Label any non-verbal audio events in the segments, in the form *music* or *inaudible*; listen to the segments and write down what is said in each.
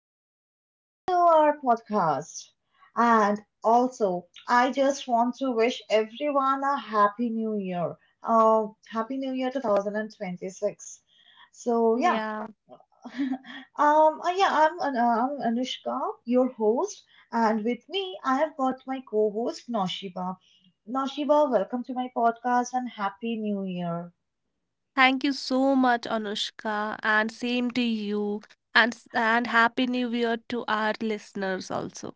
and welcome back to our podcast. And also, I just want to wish everyone a happy new year. Happy new year 2026. So yeah, Yeah. *laughs* Yeah, I'm, I'm Anushka, your host, and with me, I have got my co-host Noshiba. Noshiba, welcome to my podcast and happy new year. Thank you so much, Anushka, and same to you, and happy new year to our listeners also.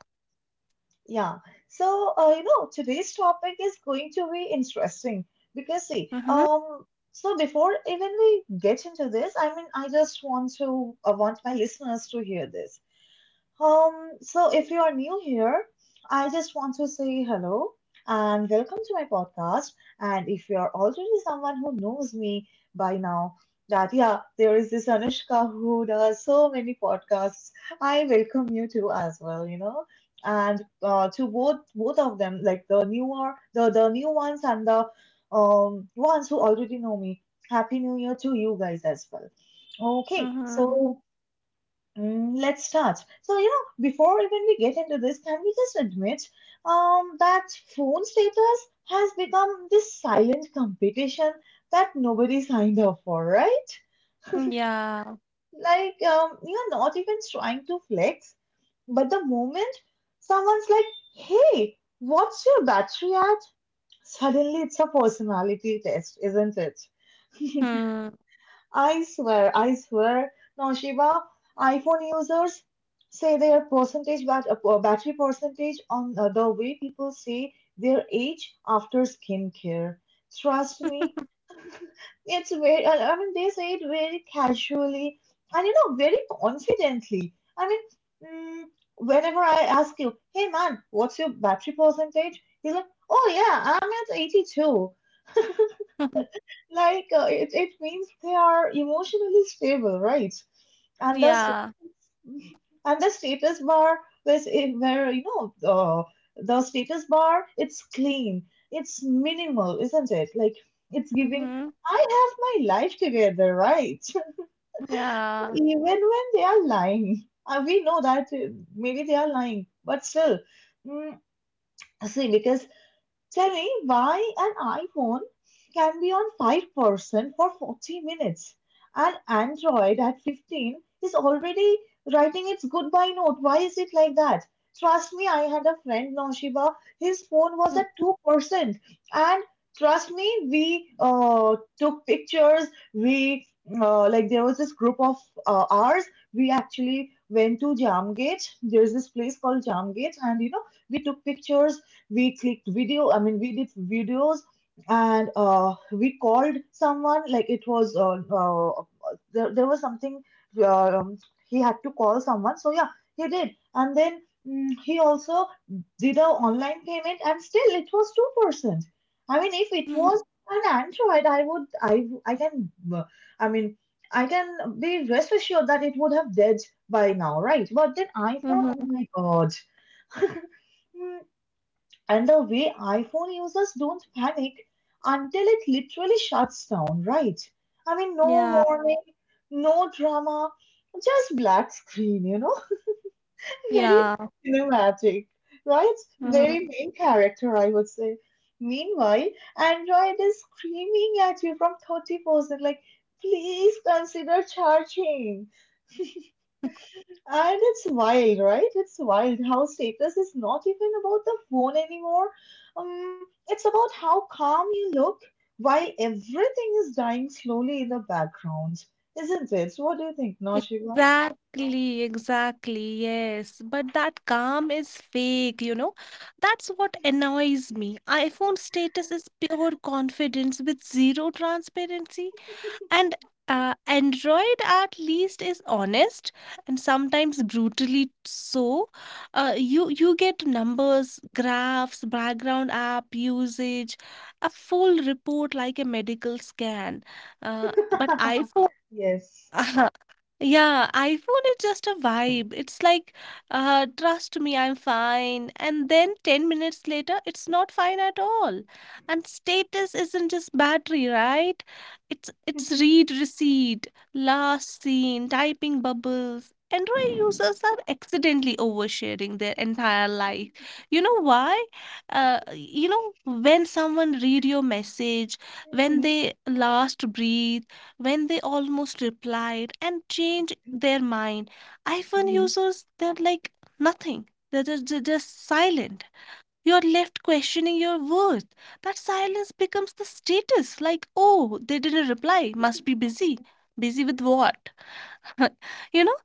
Yeah. So, today's topic is going to be interesting because, see, Mm-hmm. um, so before even we get into this, I want my listeners to hear this. So if you are new here, I just want to say hello and welcome to my podcast. And if you are already someone who knows me by now, that yeah, there is this Anushka who does so many podcasts. I welcome you too as well. And to both of them, like the new ones and the ones who already know me. Happy New Year to you guys as well. Okay, Mm-hmm. so let's start. So, before even we get into this, can we just admit that phone status has become this silent competition that nobody signed up for, right? Yeah. Like, you're not even trying to flex, but the moment someone's like, hey, what's your battery at? Suddenly it's a personality test, isn't it? *laughs* Hmm. I swear, Now, Shiva, iPhone users say their battery percentage on the way people say their age after skincare. Trust me, it's very. I mean, they say it very casually and you know very confidently. I mean, mm, whenever I ask you, "Hey man, what's your battery percentage?" He's like, "Oh yeah, I'm at 82." *laughs* *laughs* Like it means they are emotionally stable, right? And the status, Yeah. *laughs* and the status bar is in where you know the status bar, it's clean, it's minimal, isn't it? Like it's giving. Mm-hmm. I have my life together, right? *laughs* Yeah. Even when they are lying, and we know that maybe they are lying, but still, mm, see because tell me why an iPhone can be on 5% for 40 minutes and Android at 15 is already writing its goodbye note. Why is it like that? Trust me, I had a friend, Noshiba, his phone was at 2%. And trust me, we took pictures. We, like, there was this group of ours. We actually went to Jamgate. There's this place called Jamgate, and you know, we took pictures, we clicked video I mean we did videos, and we called someone. There was something uh, um, he had to call someone, so yeah, he did. And then he also did a online payment, and still it was 2%. If it was an Android, I would I can I mean I can be rest assured that it would have dead by now, right? But then iPhone, oh Mm-hmm. my god. *laughs* And the way iPhone users don't panic until it literally shuts down, right? I mean, no Yeah. warning, no drama, just black screen, you know? *laughs* Very Yeah. cinematic, right? Mm-hmm. Very main character, I would say. Meanwhile, Android is screaming at you from 30%, like, please consider charging. *laughs* And it's wild, right? It's wild how status is not even about the phone anymore. It's about how calm you look while everything is dying slowly in the background, isn't it? What do you think, Naushika? Exactly, exactly, yes. But that calm is fake, you know? That's what annoys me. iPhone status is pure confidence with zero transparency. And Android at least is honest and sometimes brutally so. You get numbers, graphs, background app usage, a full report like a medical scan. But iPhone. *laughs* Yes. *laughs* Yeah, iPhone is just a vibe. It's like, trust me, I'm fine. And then 10 minutes later, it's not fine at all. And status isn't just battery, right? It's read receipt, last seen, typing bubbles. Android users are accidentally oversharing their entire life. You know why? When someone read your message, when Mhm. they last breathe, when they almost replied and changed their mind. iPhone Mhm. users, they're like nothing. They're just silent. You're left questioning your worth. That silence becomes the status like, oh, they didn't reply, must be busy. Busy with what? *laughs* You know?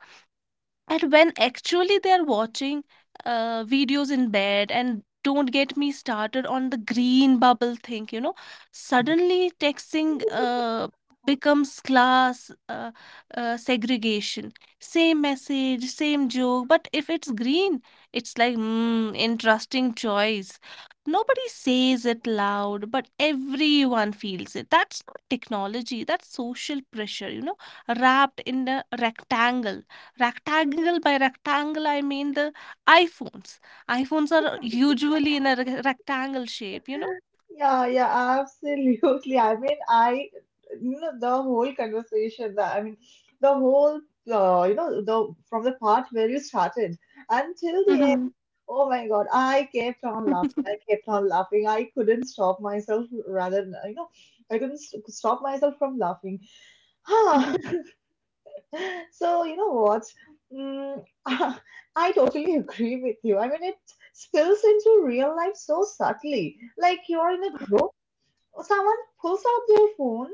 And when actually they're watching videos in bed, and don't get me started on the green bubble thing, suddenly texting becomes class segregation. Same message, same joke, but if it's green, it's like, interesting choice. Nobody says it loud, but everyone feels it. That's not technology, that's social pressure, wrapped in a rectangle. Rectangle *laughs* by rectangle, I mean the iPhones. iPhones are usually in a rectangle shape, you know? Yeah, yeah, absolutely. I mean, the whole conversation, the, I mean, the whole, you know, the from the part where you started until the end, Mm-hmm. oh my God, I kept on laughing. I kept on laughing. I couldn't stop myself, rather, you know, I couldn't st stop myself from laughing. Huh. *laughs* *laughs* So, you know what? Mm, *laughs* I totally agree with you. I mean, it spills into real life so subtly. Like you're in a group. Oh, someone pulls out their phone,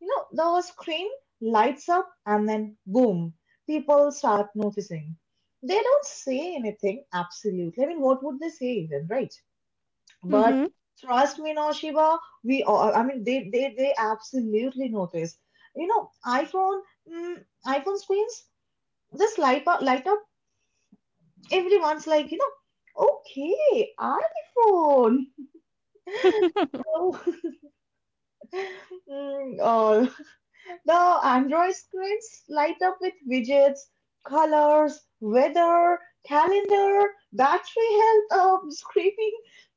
you know, the screen lights up and then boom, people start noticing. They don't say anything, absolutely. I mean, what would they say even, right? But Mm-hmm. trust me, Shiva, we all, they absolutely notice. You know, iPhone screens just light up. Everyone's like, you know, okay, iPhone. *laughs* *laughs* Oh, *laughs* oh, the Android screens light up with widgets, colors, weather, calendar, battery health, screaming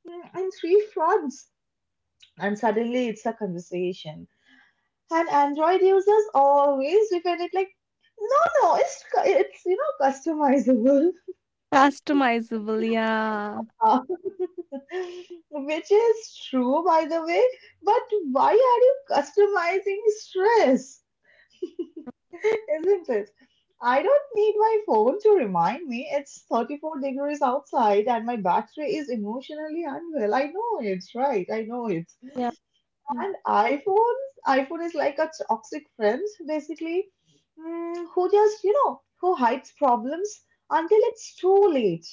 in three fronts. And suddenly it's a conversation. And Android users always defend it like, no, no, it's customizable. Customizable, yeah. Uh, *laughs* which is true, by the way. But why are you customizing stress? Isn't it? I don't need my phone to remind me it's 34 degrees outside and my battery is emotionally unwell. I know it, right? I know it. Yeah. And iPhones, iPhone is like a toxic friend, basically, who just, you know, who hides problems until it's too late.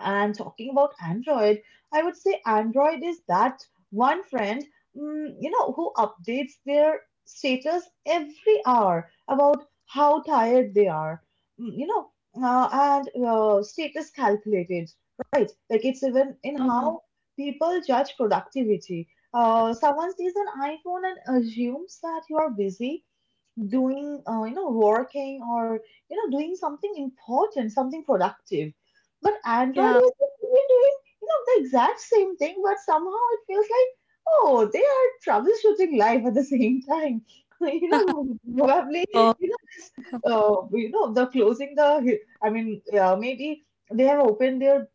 And talking about Android, I would say Android is that one friend, you know, who updates their status every hour about how tired they are. You know, uh, and status calculated, right? Like it's even in Mm-hmm. how people judge productivity. Someone sees an iPhone and assumes that you are busy doing, you know, working, or you know, doing something important, something productive. But Android Yeah. is even doing, you know, the exact same thing, but somehow it feels like, oh, they are troubleshooting live at the same time. *laughs* You know, probably Oh, you know this, you know, the closing the I mean maybe they have opened their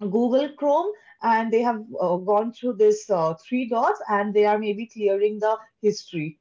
Google Chrome and they have gone through this three dots and they are maybe clearing the history.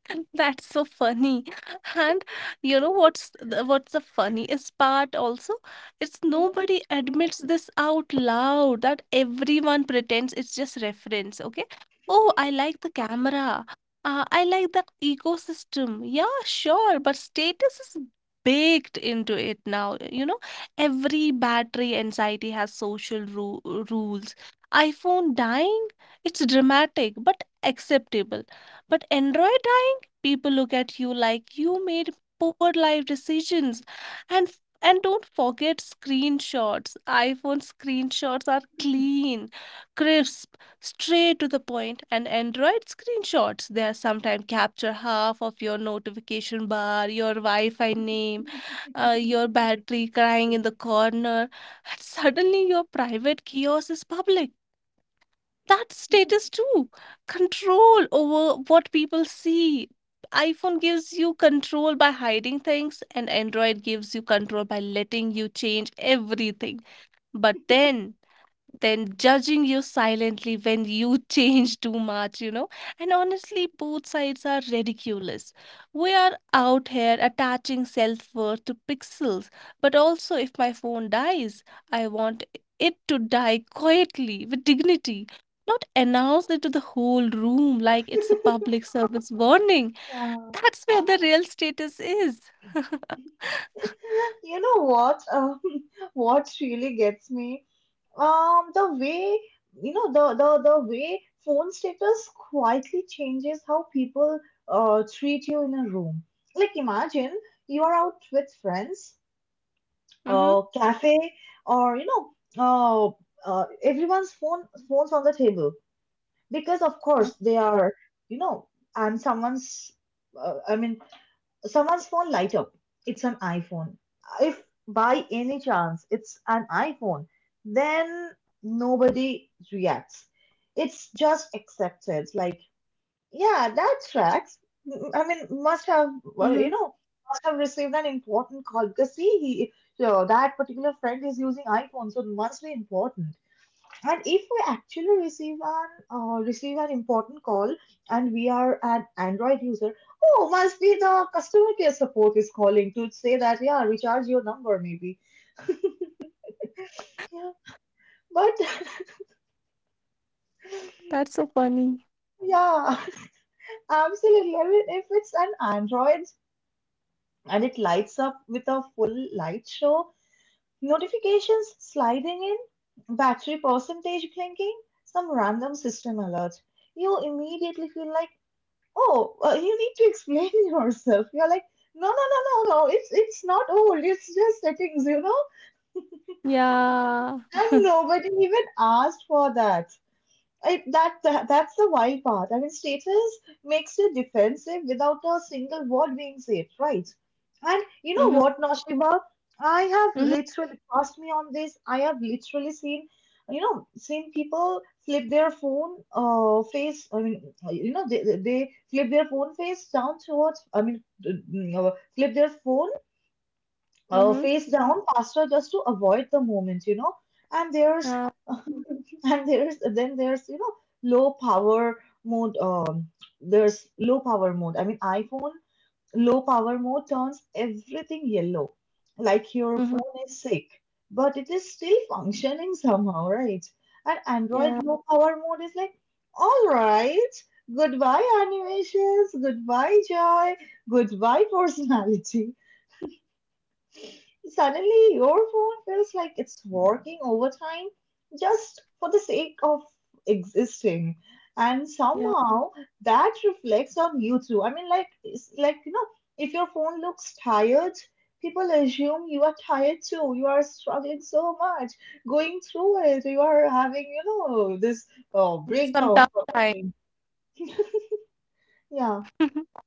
*laughs* that's so funny. *laughs* And you know what's what's the funniest part also? It's Mhm. nobody admits this out loud, that everyone pretends it's just reference, okay? Oh, I like the camera. I like that ecosystem. Yeah, sure, but status is baked into it now. Every battery anxiety has social ru rules. iPhone dying, it's dramatic but acceptable. But Android dying? People look at you like you made poor life decisions. And don't forget screenshots. iPhone screenshots are clean, crisp, straight to the point. And Android screenshots, they are sometimes capture half of your notification bar, your Wi-Fi name, your battery crying in the corner. And suddenly your private kiosk is public. That status too, control over what people see. iPhone gives you control by hiding things, and Android gives you control by letting you change everything, but then judging you silently when you *laughs* change too much. And honestly, both sides are ridiculous. We are out here attaching self worth to pixels, but also if my phone dies, I want it to die quietly with dignity. Not announce it to the whole room like it's a public service warning. Yeah. That's where the real status is. *laughs* *laughs* You know what? *laughs* What really gets me? The way, you know the way phone status quietly changes how people treat you in a room. Like imagine you are out with friends, Mm-hmm. Cafe, or you know, uh, everyone's phones on the table, because of course they are, you know, and Uh, I mean, someone's phone light up. It's an iPhone. If by any chance it's an iPhone, then nobody reacts. It's just accepted. Like, yeah, that tracks. I mean, Mm-hmm. You know, must have received an important call, because see, he, so that particular friend is using iPhone, so it must be important. And if we actually receive an important call and we are an Android user, oh, must be the customer care support is calling to say that, yeah, recharge your number maybe. *laughs* Yeah. But That's so funny. *laughs* yeah, *laughs* absolutely. I mean, if it's an Android and it lights up with a full light show, notifications sliding in, battery percentage blinking, some random system alert, you immediately feel like, oh, you need to explain *laughs* yourself. You're like, no, no, no, no, no. It's not old. It's just settings, you know. Yeah. *laughs* And nobody even asked for that. That's the wild part. I mean, status makes you defensive without a single word being said, right? And you know Mm-hmm. what, Noshiba? I have Mm-hmm. literally Trust me on this. I have literally seen, you know, seen people flip their phone face. I mean, you know, they flip their phone face down towards. I mean, mm, flip their phone Mm-hmm. face down faster just to avoid the moment, you know. And there's Yeah. *laughs* and there's then there's, you know, low power mode. There's low power mode. I mean, iPhone low power mode turns everything yellow, like your Mm-hmm. phone is sick, but it is still functioning *laughs* somehow, right? And Android Yeah. low power mode is like, all right, goodbye animations, goodbye joy, goodbye personality. Suddenly, your phone feels like it's working overtime just for the sake of existing. And Yeah. somehow that reflects on you too. You know, if your phone looks tired, people assume you are tired too. You are struggling so much, going through it. You are having, you know, this Some breakdown tough sort of time. thing. *laughs* Yeah. *laughs*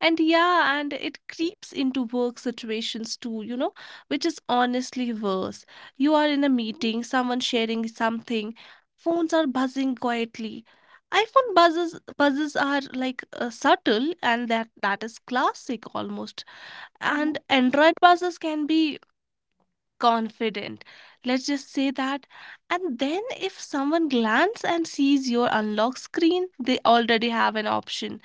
And yeah, and it creeps into work situations too, which is honestly worse. You are in a meeting, someone sharing something, phones are buzzing quietly. iPhone buzzes are like subtle, and that is classic almost. Mhm, And Android buzzes can be confident. Let's just say that. And then if someone glance and sees your unlock screen, they already have an option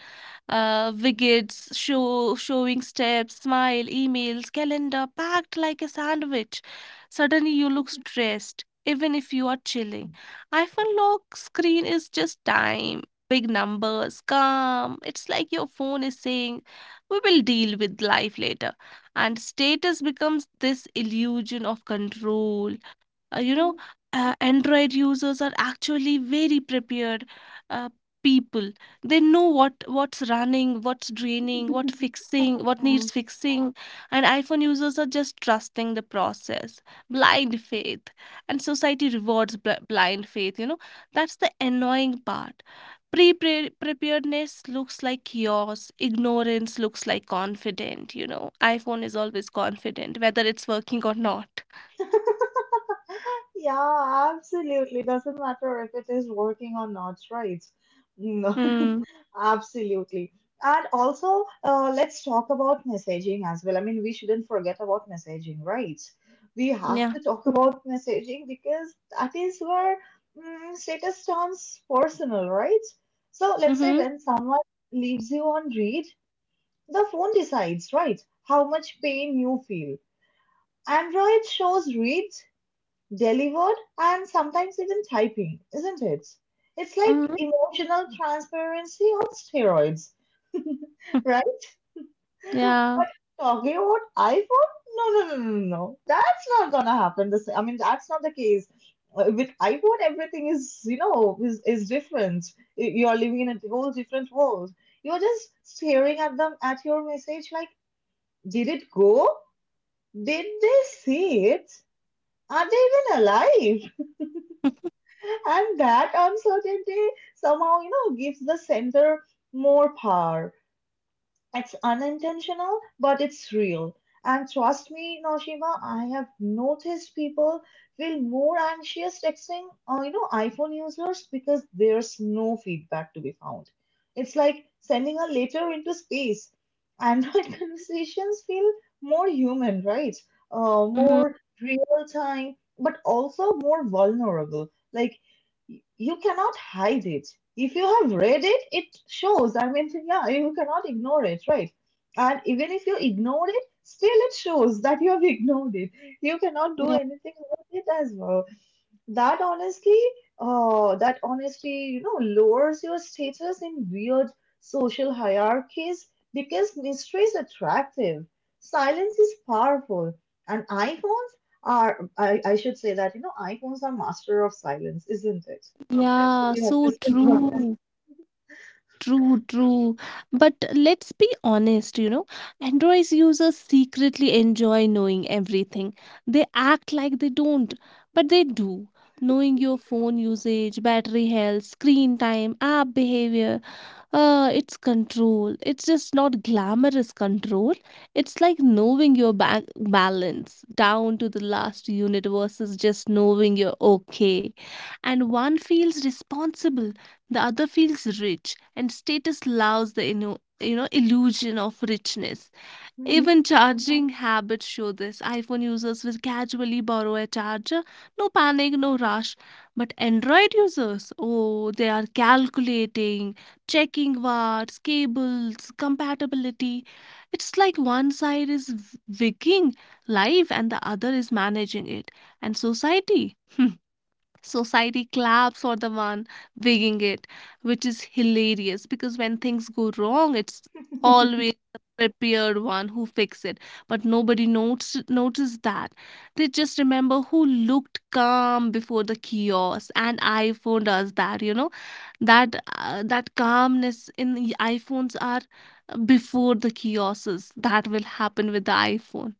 uh, wickets, showing steps, smile, emails, calendar packed like a sandwich. Suddenly you look stressed, even if you are chilling. iPhone lock screen is just time, big numbers, calm. It's like your phone is saying, we will deal with life later. And status becomes this illusion of control. uh, you know mhm, Android users are actually very prepared, uh, people. They know what's running, what's draining, mhm. *laughs* What Yeah. needs fixing. And iPhone users are just trusting the process, blind faith. And society rewards blind faith, you know, that's the annoying part. Pre-preparedness looks like chaos, ignorance looks like confident. iPhone is always confident whether it's working or not. Yeah, absolutely. Doesn't matter if it is working or not, right? No, Mm. *laughs* absolutely. And also, let's talk about messaging as well. I mean, we shouldn't forget about messaging, right? We have to talk about messaging because that is where status turns personal, right? So let's say Mhm. when someone leaves you on read, the phone decides, right, how much pain you feel. Android shows read, delivered, and sometimes even typing, isn't it? It's like Mhm. emotional transparency on steroids, right? *laughs* Yeah. But talking about iPhone? No, no. That's not gonna happen. That's not the case. With iPhone, everything is different. You're living in a whole different world. You're just staring at them at your message like, did it go? Did they see it? Are they even alive? And that uncertainty somehow, gives the center more power. It's unintentional, but it's real. And trust me, Naushima, I have noticed people feel more anxious texting, iPhone users because there's no feedback to be found. It's like sending a letter into space. Android *laughs* conversations feel more human, right? Mhm. More real time, but also more vulnerable. Like you cannot hide it. If you have read it, it shows. I mean, yeah, you cannot ignore it, right? And even if you ignore it, still it shows that you have *laughs* ignored it. You cannot do Yeah. anything about it as well. That honestly, that honestly, lowers your status in weird social hierarchies because mystery is attractive. Silence is powerful, and iPhones are, I should say that, iPhones are master of silence, isn't it? Yeah. You have to So say about true. True, true. But let's be honest, Android users secretly enjoy knowing everything. They act like they don't, but they do. Knowing your phone usage, battery health, screen time, app behavior. It's control. It's just not glamorous control. It's like knowing your balance down to the last unit versus just knowing you're okay. And one feels responsible, the other feels rich, and status allows the illusion of richness. mhm. Even charging habits show this. iPhone users will casually borrow a charger. No panic, no rush. But Android users, oh, they are calculating, checking watts, cables, compatibility. It's like one side is life and the other is managing it. And society? *laughs* Society claps for the one winging it, which is hilarious because when things go wrong, it's *laughs* always the prepared one who fix it. But nobody notes notice that. They just remember who looked calm before the chaos, and iPhone does that. That calmness in the iPhones are before the chaoses that will happen with the iPhone.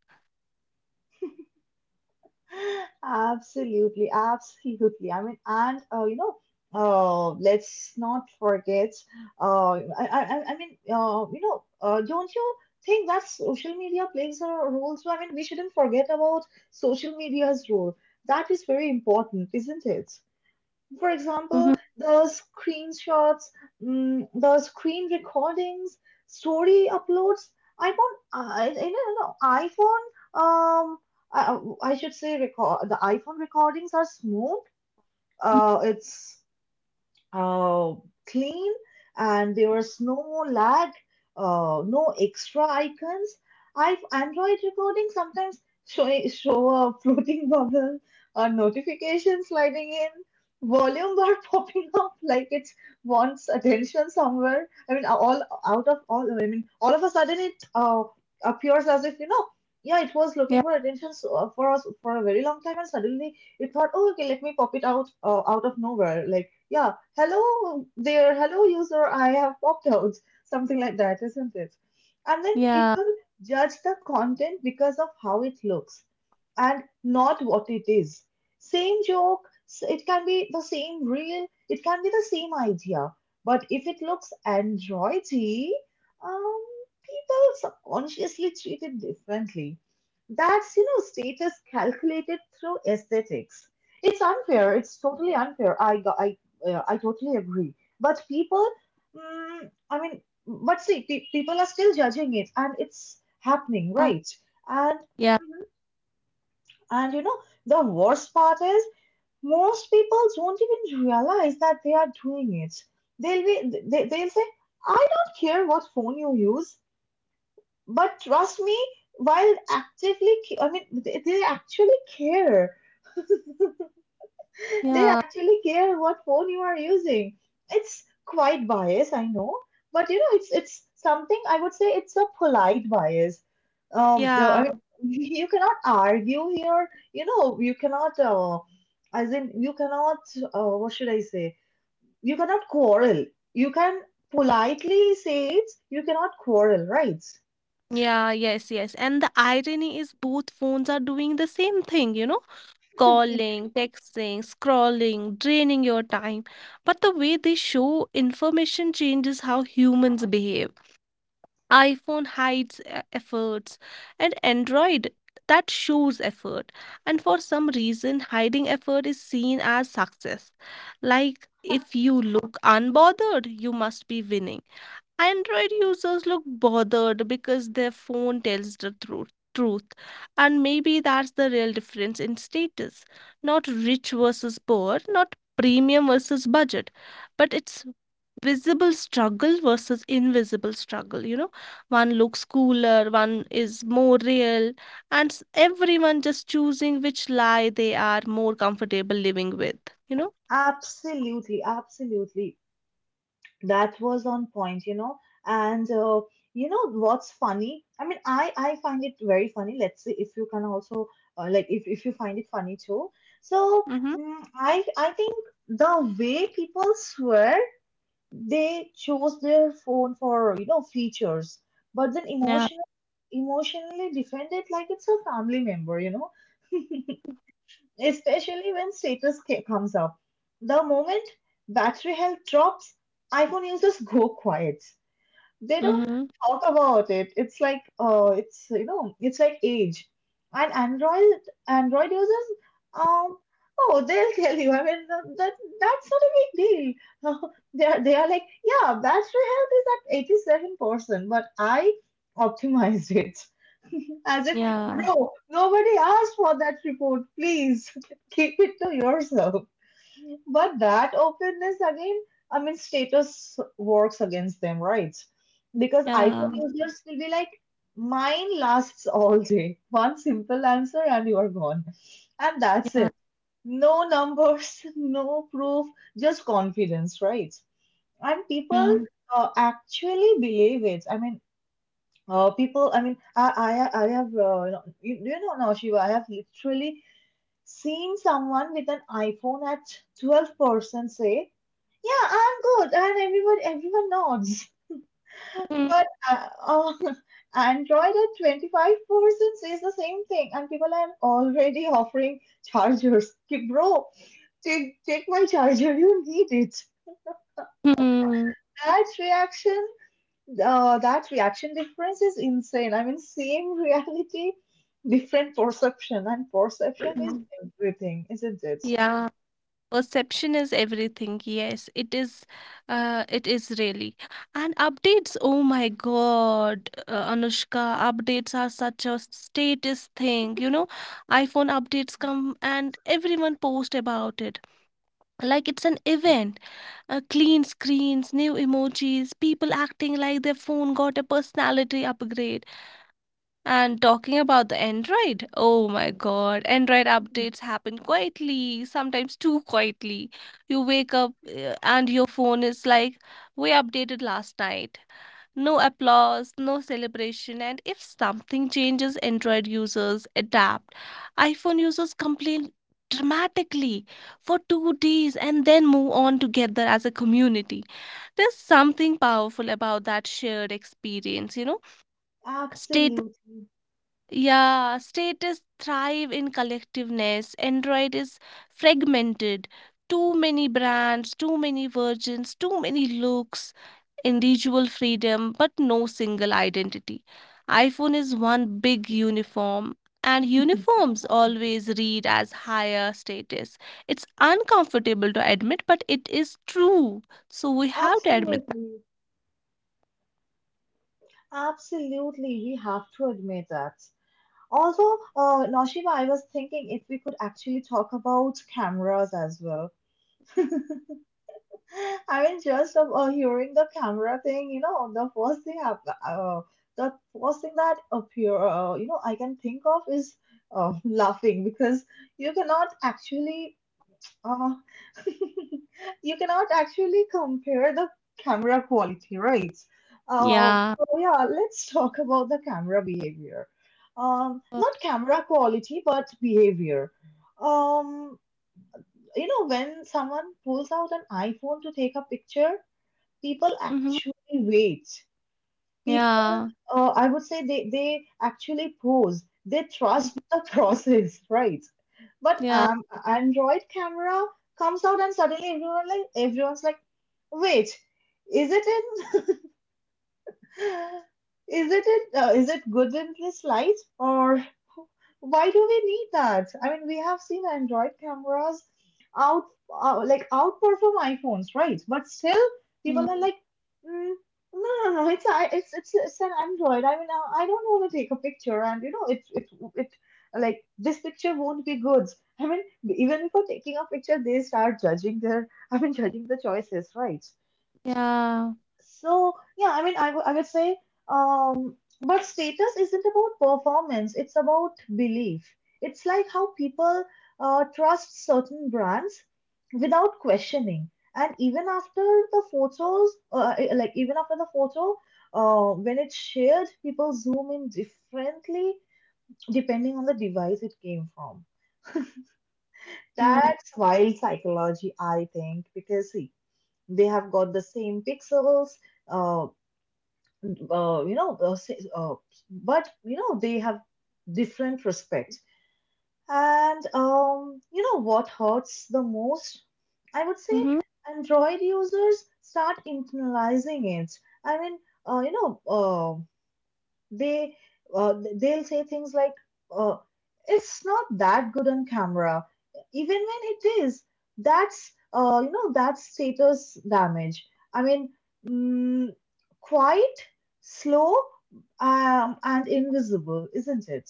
Absolutely, absolutely. I mean, and let's not forget. Uh, I mean, you know, Don't you think that social media plays a role? So, I mean, we shouldn't forget about social media's role. That is very important, isn't it? For Mhm. example, the screenshots, the screen recordings, story uploads. I don't know, iPhone, um, I, I should say record, the iPhone recordings are smooth. It's uh, clean and there was no lag, no extra icons. I Android recording sometimes show a floating *laughs* bubble, a notification sliding in, volume bar *laughs* popping up like it wants attention somewhere. I mean, all out of all, I mean, All of a sudden it appears as if, yeah, it was looking Yeah. for attention so, for us for a very long time, and suddenly it thought, oh, okay, let me pop it out out of nowhere. Like, yeah, hello there, hello user, I have popped out, something like that, isn't it? And then Yeah. people judge the content because of how it looks and not what it is. Same joke, it can be the same reel, it can be the same idea, but if it looks androidy, um, people subconsciously treat it differently. That's, you know, status calculated through aesthetics. It's unfair. It's totally unfair. I got, I yeah, I totally agree. But people, mm, I mean, but see, people are still judging it, and it's happening, right? And Yeah. Mhm. and you know, the worst part is most people don't even realize that they are doing it. They'll say, I don't care what phone you use, but trust me, while actively, they actually care. *laughs* They Yeah. actually care what phone you are using. It's quite bias, I know, but it's something I would say it's a polite bias. Um, so, I mean, Yeah. *laughs* you cannot argue here. You know, you cannot. As in, you cannot. What should I say? You cannot quarrel. You can politely say it. You cannot quarrel, right? Yeah, yes, yes. And the irony is both phones are doing the same thing, calling, texting, scrolling, draining your time. But the way they show information changes how humans behave. iPhone hides efforts, and Android that shows effort. And for some reason, hiding effort is seen as success. Like if you look unbothered, you must be winning. Android users look bothered because their phone tells the truth, and maybe that's the real difference in status. Not rich versus poor, not premium versus budget, but it's visible struggle versus invisible struggle. One looks cooler, one is more real, and everyone just choosing which lie they are more comfortable living with. You know. Absolutely, absolutely. That was on point, you know. And you know what's funny? I mean, I find it very funny. Let's see if you can also like if you find it funny too. So Mm-hmm. I think the way people swear they chose their phone for, you know, features, but then Yeah. Emotionally defend it like it's a family member, you know. *laughs* Especially when status comes up. The moment battery health drops, iPhone users go quiet, they don't Mm-hmm. talk about it. It's like it's, you know, it's like age. And Android users um oh, they'll tell you. I mean, that's not a big deal. *laughs* They are, they are like, yeah, battery health is at 87%, but I optimized it. *laughs* As if Yeah. bro, nobody asked for that report. Please *laughs* keep it to yourself. But that openness again, I mean, status works against them, right? Because iPhone Yeah. users will be like, mine lasts all day. One simple answer and you are gone. And that's Yeah. it. No numbers, *laughs* no proof, just confidence, right? And people actually believe it. I mean, people, I mean, I have, you, know, you know, Now, Shiva, I have literally seen someone with an iPhone at 12% say, yeah, I'm good, and everyone nods. *laughs* Yeah. But *laughs* Android at 25% says the same thing, and people are already offering chargers. Ki, bro, take my charger. You need it. Hmm. That reaction, that reaction difference is insane. I mean, same reality, different perception, and perception is Mhm. everything, isn't it? Yeah, perception is everything. Yes, it is. It is really. And updates. Oh my God, Anushka, updates are such a status thing. iPhone updates come and everyone post about it. Like it's an event. Clean screens, new emojis, people acting like their phone got a personality upgrade. And talking about the Android, oh my god, Android Mhm. updates happen quietly, sometimes too quietly. You wake up and your phone is like, we updated last night. No applause, no celebration, and if something changes, Android users adapt. iPhone users complain dramatically for 2 days and then move on together as a community. There's something powerful about that shared experience, you know Absolutely, yeah, status thrive in collectiveness. Android is fragmented. Too many brands, too many versions, too many looks, individual freedom, but no single identity. iPhone is one big uniform, and uniforms always read as higher status. It's uncomfortable to admit, but it is true. So we have to admit that. absolutely, absolutely. We have to admit that. Also, Noshiba, I was thinking if we could actually talk about cameras as well. *laughs* I mean, just hearing the camera thing, you know, uh, the first thing that appear, you know, I can think of is *laughs* laughing because you cannot actually uh, *laughs* you cannot actually compare the camera quality, right? Yeah. So yeah, let's talk about the camera behavior. Not camera quality, but behavior. Um, you know, when someone pulls out an iPhone to take a picture, people Mm-hmm. actually wait, people Yeah. I would say they actually pose, they trust Mhm. the *laughs* process, right? But Yeah. Android camera comes out and suddenly everyone's like, wait, is it in is is it good in this light? Or why do we need that? I mean, we have seen Android cameras out like outperform iPhones, right? But still, Mm. people are like, mm, no, no, no, it's an Android. I mean, I don't want to take a picture, and you know, it's it it like this picture won't be good. I mean, even before taking a picture, they start judging their I mean, judging the choices, right? Yeah. So, yeah, I mean, I would say, but status isn't about performance, it's about belief. It's like how people trust certain brands without questioning. And even after the photos, like even after the photo, when it's shared, people zoom in differently depending on the device it came from. Mm. That's wild psychology, I think, because see, they have got the same pixels, uh, uh, you know, uh, say- uh, but you know, they have different respect. And you know what hurts the most? I would say Mm-hmm. Android users start internalizing it. I mean, uh, you know, uh, they they'll say things like uh, it's not that good on camera even when it is. That's, you know, that's status damage, i mean mm, quite slow, and invisible, isn't it?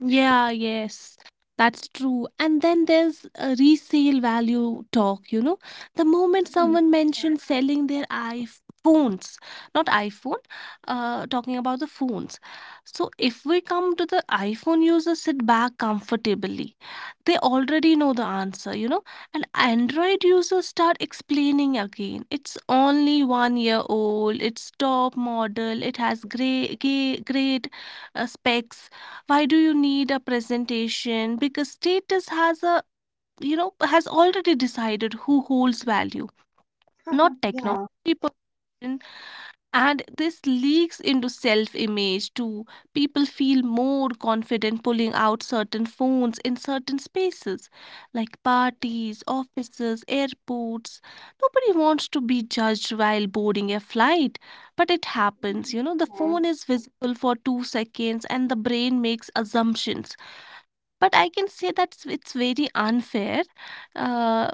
Yeah, yes, that's true. And then there's a resale value talk. The moment someone mentions selling their iPhones, not iPhone, talking about the phones. So if we come to the iPhone users sit back comfortably. They already know the answer. And Android users start explaining again. It's only 1 year old, it's top model, it has great, great, great specs. Why do you need a presentation? Because status has a you know has already decided who holds value, not *laughs* technology Yeah. *laughs* Yeah. person. And this leaks into self image too. People feel more confident pulling out certain phones in certain spaces like parties, offices, airports. Nobody wants to be judged while boarding a flight, but it happens. The Yeah. phone is visible for 2 seconds and the brain makes assumptions. But I can say that it's very unfair, uh,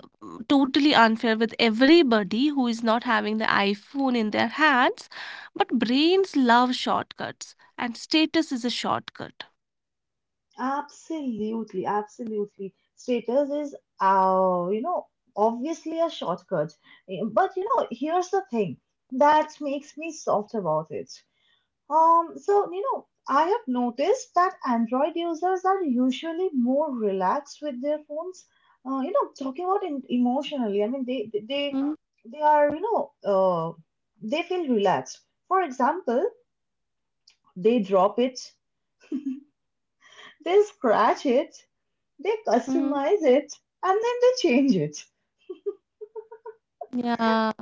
totally unfair with everybody who is not having the iPhone in their hands. But brains love shortcuts, and status is a shortcut. Absolutely, absolutely. Status is, uh, you know, obviously a shortcut. But you know, here's the thing that makes me soft about it. You know, I have noticed that Android users are usually more relaxed with their phones. You know, talking about in, emotionally, I mean, they are, you know, they feel relaxed. For example, they drop it, they scratch it, they Mm-hmm. customize it and then they change it.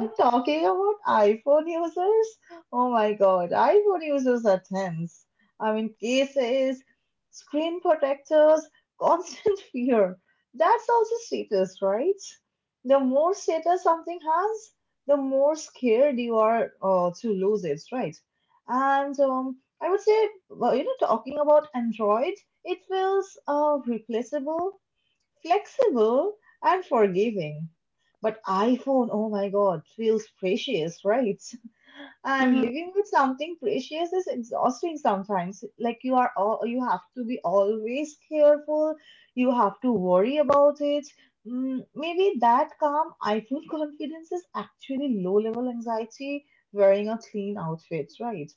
And talking about iPhone users, oh my god, iPhone users are tense. I mean, cases, screen protectors, constant *laughs* fear. That's also status, right? The more status something has, the more scared you are to lose it, right? And I would say, well, you know, talking about Android, it feels replaceable, flexible and forgiving. But iPhone, oh my God, feels precious, right? *laughs* And Mm-hmm. living with something precious is exhausting sometimes. Like you have to be always careful. You have to worry about it. Maybe that calm iPhone *laughs* confidence is actually low level anxiety wearing a clean outfit, right?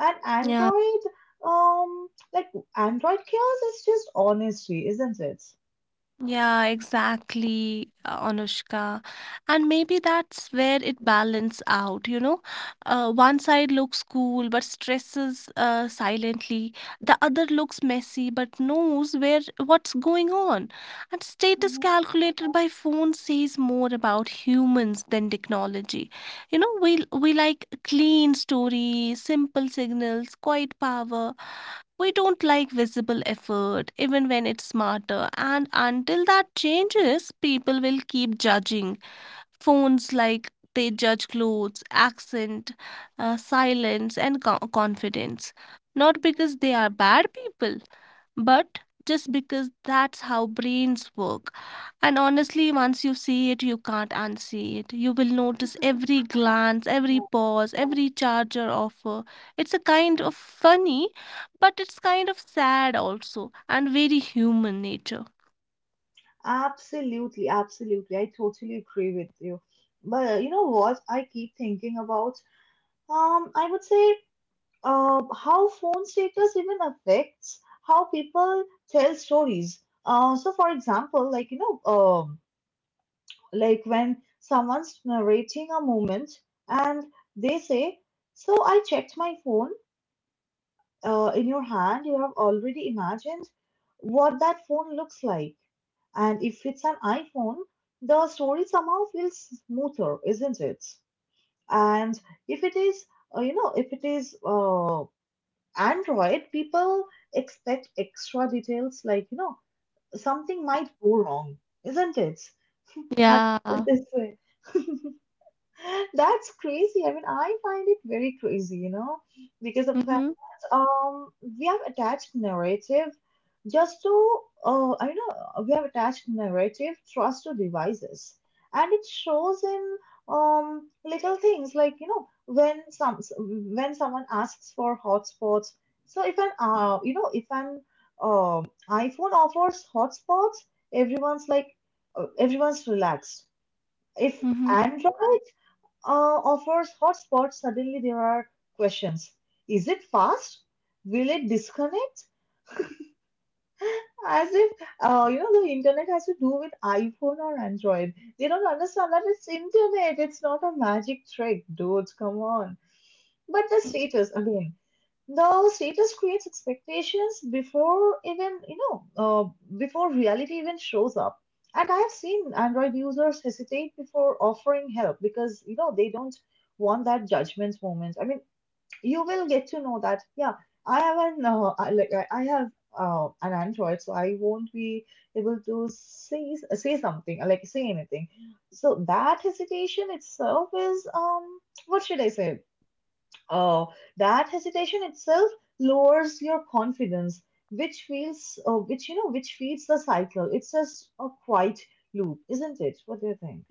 And Yeah. Android, like Android chaos is just honesty, isn't it? Yeah, exactly, Anushka. And maybe that's where it balance out. One side looks cool but stresses silently. The other looks messy but knows where what's going on. And status Mhm. calculated by phone says more about humans than technology. We like clean stories, simple signals, quiet power, we don't like visible effort, even when it's smarter, and until that changes, people will keep judging. Phones like they judge clothes, accent, silence, and confidence. Not because they are bad people, but just because that's how brains work. And honestly, once you see it, you can't unsee it. You will notice every glance, every Yeah. pause, every charge or offer. It's a kind of funny, but it's kind of sad also, and very human nature. Absolutely, absolutely. I totally agree with you. But you know what? I keep thinking about, I would say, how phone status even affects how people tell stories. So for example, like, you know, like when someone's narrating a moment and they say, so I checked my phone, in your hand, you have already imagined what that phone looks like. And if it's an iPhone, the story somehow feels smoother, isn't it? And if it is, uh, you know, if it is uh, Android, people expect extra details, like, you know, something might go wrong, isn't it? Have *laughs* Yeah. this way. *laughs* That's crazy. I mean, I find it very crazy, you know, because of the fact Mm-hmm. that we have attached narrative just to I know we have attached narrative trust to devices, and it shows in little things like, you know, when someone asks for hotspots. So if an iPhone offers hotspots, everyone's like, everyone's relaxed. If Mm-hmm. Android, uh, offers hotspots, suddenly there are questions. Is it fast? Will it disconnect? As if, the internet has to do with iPhone or Android. They don't understand that it's internet. It's not a magic trick, dudes. Come on. But the status, again, the status creates expectations before reality even shows up. And I have seen Android users hesitate before offering help because they don't want that judgment moment. I mean, you will get to know that, yeah, I have an, I, like, I have an Android, so I won't be able to say something, like, say anything. So that hesitation itself is, what should I say? Uh, that hesitation itself lowers your confidence, which feels, which you know, which feeds the cycle. It's just a quiet loop, isn't it? What do you think?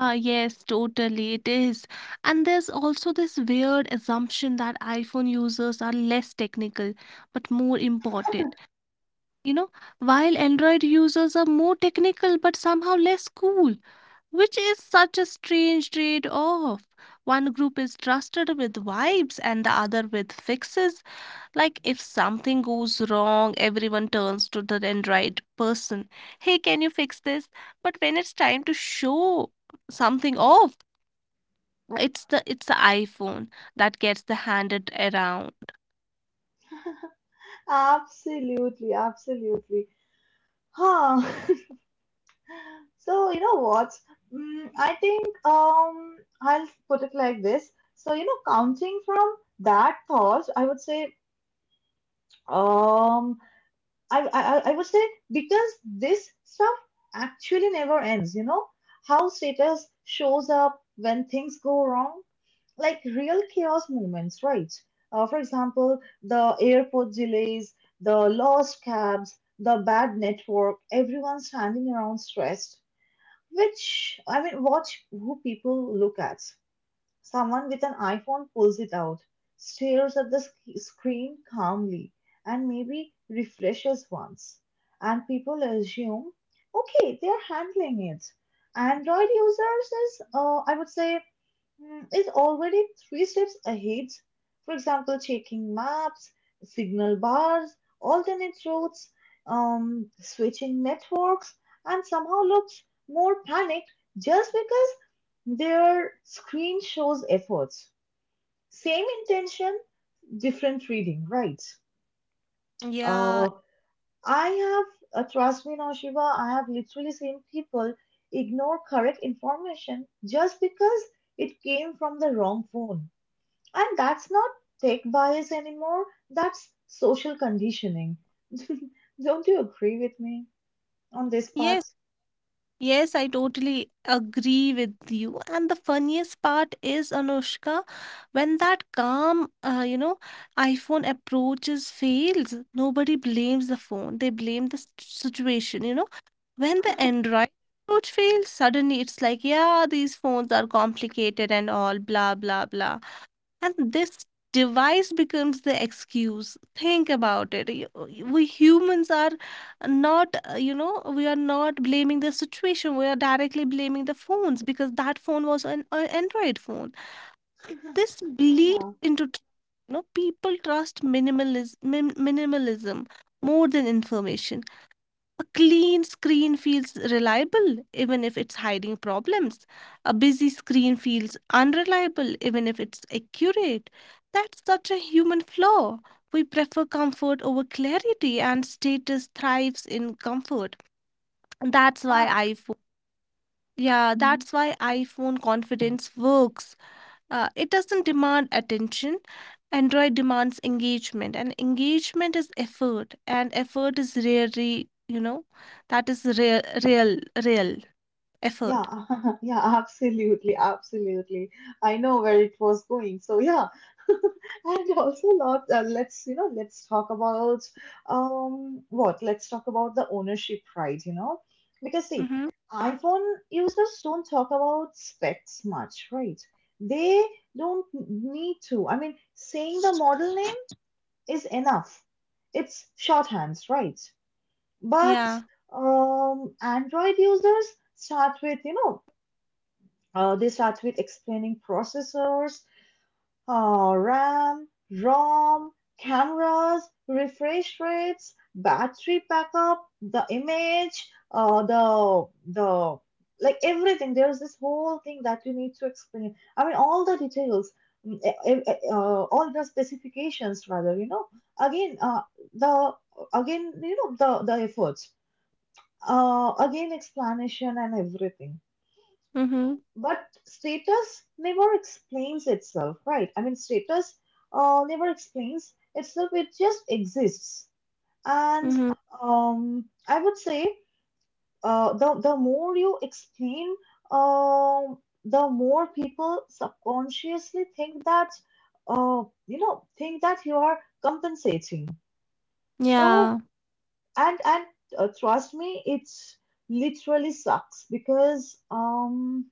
Ah, yes, totally, it is. And there's also this weird assumption that iPhone users are less technical but more important. You know, while Android users are more technical but somehow less cool, which is such a strange trade off. One group is trusted with vibes and the other with fixes. Like if something goes wrong, everyone turns to the Android person. Hey, can you fix this? But when it's time to show something off, it's the iPhone that gets the handed around. Absolutely, absolutely. Huh. *laughs* So you know what? I think I'll put it like this. So, you know, counting from that thought, um I would say because this stuff actually never ends, you know? How status shows up when things go wrong, like real chaos moments, right? For example, the airport delays, the lost cabs, the bad network, everyone standing around stressed. Which, I mean, watch who people look at. Someone with an iPhone pulls it out, stares at the screen calmly, and maybe refreshes once. And people assume, okay, they're handling it. Android users I would say, is already three steps ahead. For example, checking maps, signal bars, alternate routes, switching networks, and somehow looks more panicked just because their screen shows efforts. Same intention, different reading, right? Yeah, Uh, I Trust me now, Shiva, I have literally seen people ignore correct information just because it came from the wrong phone. And that's not tech bias anymore, that's social conditioning. *laughs* Don't you agree with me on this yes. part? Yes, I totally agree with you. And the funniest part is, Anushka, when that calm, you know, iPhone approaches fails, nobody blames the phone. They blame the situation, you know. When the Android approach fails, suddenly it's like, yeah, these phones are complicated and all, blah, blah, blah. And this device becomes the excuse. Think about it. We humans are not, you know, we are not blaming the situation. We are directly blaming the phones because that phone was an Android phone. This bleeds Yeah. into, you know, people trust minimalism, minimalism more than information. A clean screen feels reliable even if it's hiding problems. A busy screen feels unreliable even if it's accurate. That's such a human flaw. We prefer comfort over clarity and status thrives in comfort. That's why iPhone yeah, that's why iPhone confidence works. It doesn't demand attention. Android demands engagement, and engagement is effort, and effort is rarely, you know, that is real effort. Yeah, *laughs* yeah, absolutely, absolutely. I know where it was going. So yeah, and also let's, let's talk about, what? Let's talk about the ownership pride, you know, because see, Mm-hmm. iPhone users don't talk about specs much, right? They don't need to. I mean, saying the model name is enough. It's shorthands, right? But, Yeah. Android users start with you know they start with explaining processors, RAM, ROM, cameras, refresh rates, battery backup, the image, uh, the the like, everything. There's this whole thing that you need to explain. I mean, all the details, all the specifications, rather. You know, again, uh, the again, the efforts. Again, explanation and everything, Mm-hmm. but status never explains itself, right? I mean, status, never explains itself, it just exists. And, Mm-hmm. I would say, the more you explain, um, the more people subconsciously think that you are compensating. So, Yeah. and trust me, it literally sucks because, um,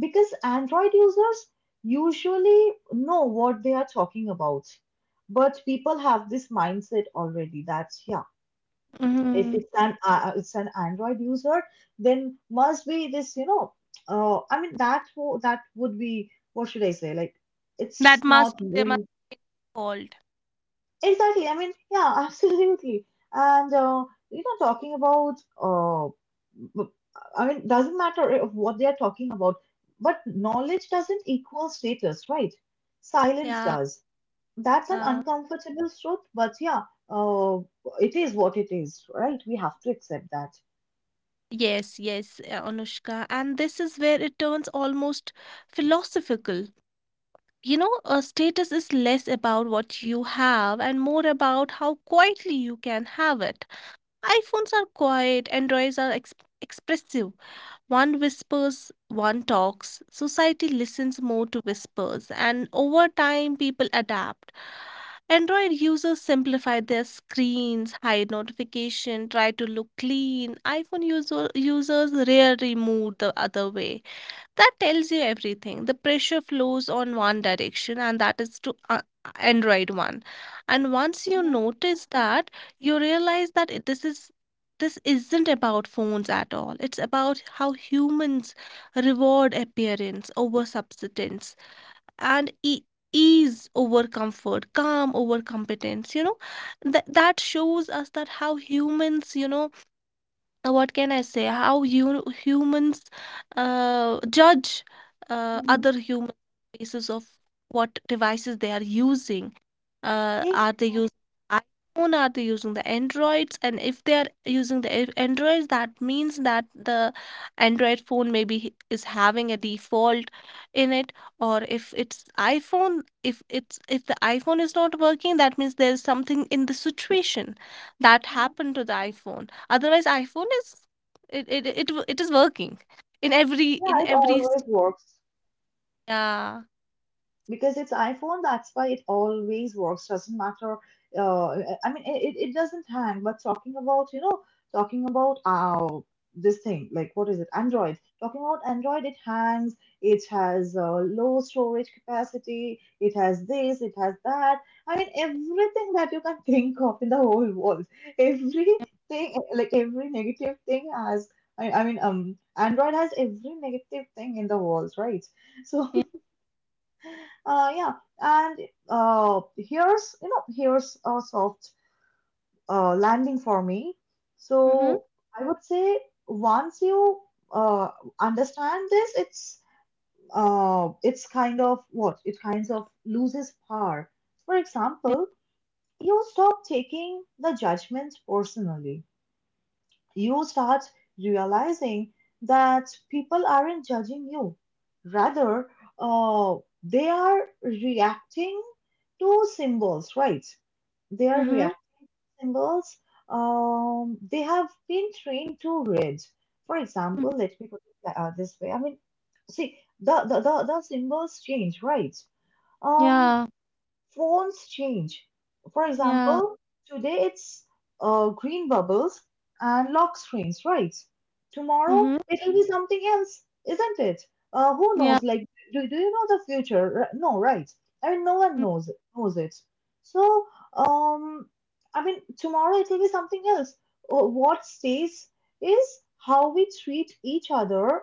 because Android users usually know what they are talking about. But people have this mindset already that, yeah, if Mm-hmm. it's an uh, it's an Android user, then must be this. I mean, that would be, what should I say? Like, it's That not must they must very— hold. Exactly. I mean, yeah, *laughs* absolutely. And, talking about, uh, b- I mean, doesn't matter if what they are talking about, but knowledge doesn't equal status, right? Silence Yeah, does. That's an yeah. Uncomfortable truth, but yeah, uh, it is what it is, right? We have to accept that. Yes, yes, Anushka. And this is where it turns almost philosophical, you know, a status is less about what you have and more about how quietly you can have it. iPhones are quiet, Androids are expressive. One whispers, one talks. Society listens more to whispers, and over time, people adapt. Android users simplify their screens, hide notification, try to look clean. Users rarely move the other way. That tells you everything. The pressure flows on one direction, and that is to Android one. And once you Mm-hmm. notice that, you realize that this isn't about phones at all. It's about how humans reward appearance over substance and ease over comfort, calm over competence. You know, that shows us that how humans, you know, what can I say? How humans judge Mm-hmm. other humans basis of what devices they are using. Eh. Are they using iPhone? Are they using the Androids? And if they are using the Androids, that means that the Android phone maybe is having a default in it. Or if it's iPhone, if the iPhone is not working, that means there is something in the situation that Mm-hmm. happened to the iPhone. Otherwise, iPhone is it is working in Yeah, it every always works. yeah, Because it's iPhone, that's why it always works. Doesn't matter. uh, I mean, it doesn't hang. But talking about, this thing, like, what is it, Android? Talking about Android, it hangs, it has, low storage capacity, it has this, it has that. I mean, everything that you can *laughs* think of in the whole world, everything, yeah, like every negative thing has. I mean, Android has every negative thing in the world, right? So, yeah, yeah. And, here's you know here's a soft, landing for me. mm-hmm, So, I would say, once you, uh, understand this, it's kind of what it kind of loses power. For yeah, example, you stop taking the judgment personally. You start realizing that people aren't judging you. Rather, uh, they are reacting to symbols, right? They are mm-hmm, reacting to symbols, they have been trained to read. For mm-hmm, example, let me put it like, this way. I mean, see, the symbols change, right? Um, yeah, Phones change. For yeah, example, today it's, green bubbles and lock screens, right? Tomorrow mm-hmm, it'll be something else, isn't it? Who yeah, knows? Like, do you know the future? No, right? I mean, no one knows it. So, um, I mean, tomorrow it'll be something else. What stays is how we treat each other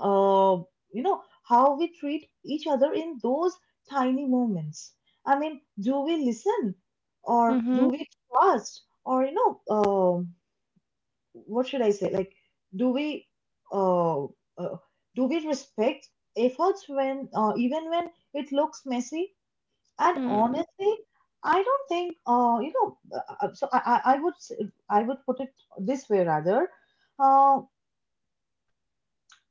uh, how we treat each other in those tiny moments. I mean, do we listen, or do mm-hmm, we trust, or, what should I say? Like, do we, uh, uh, do we respect efforts even when it looks messy? And mm-hmm, honestly, I don't think, so I would put it this way, rather. Uh,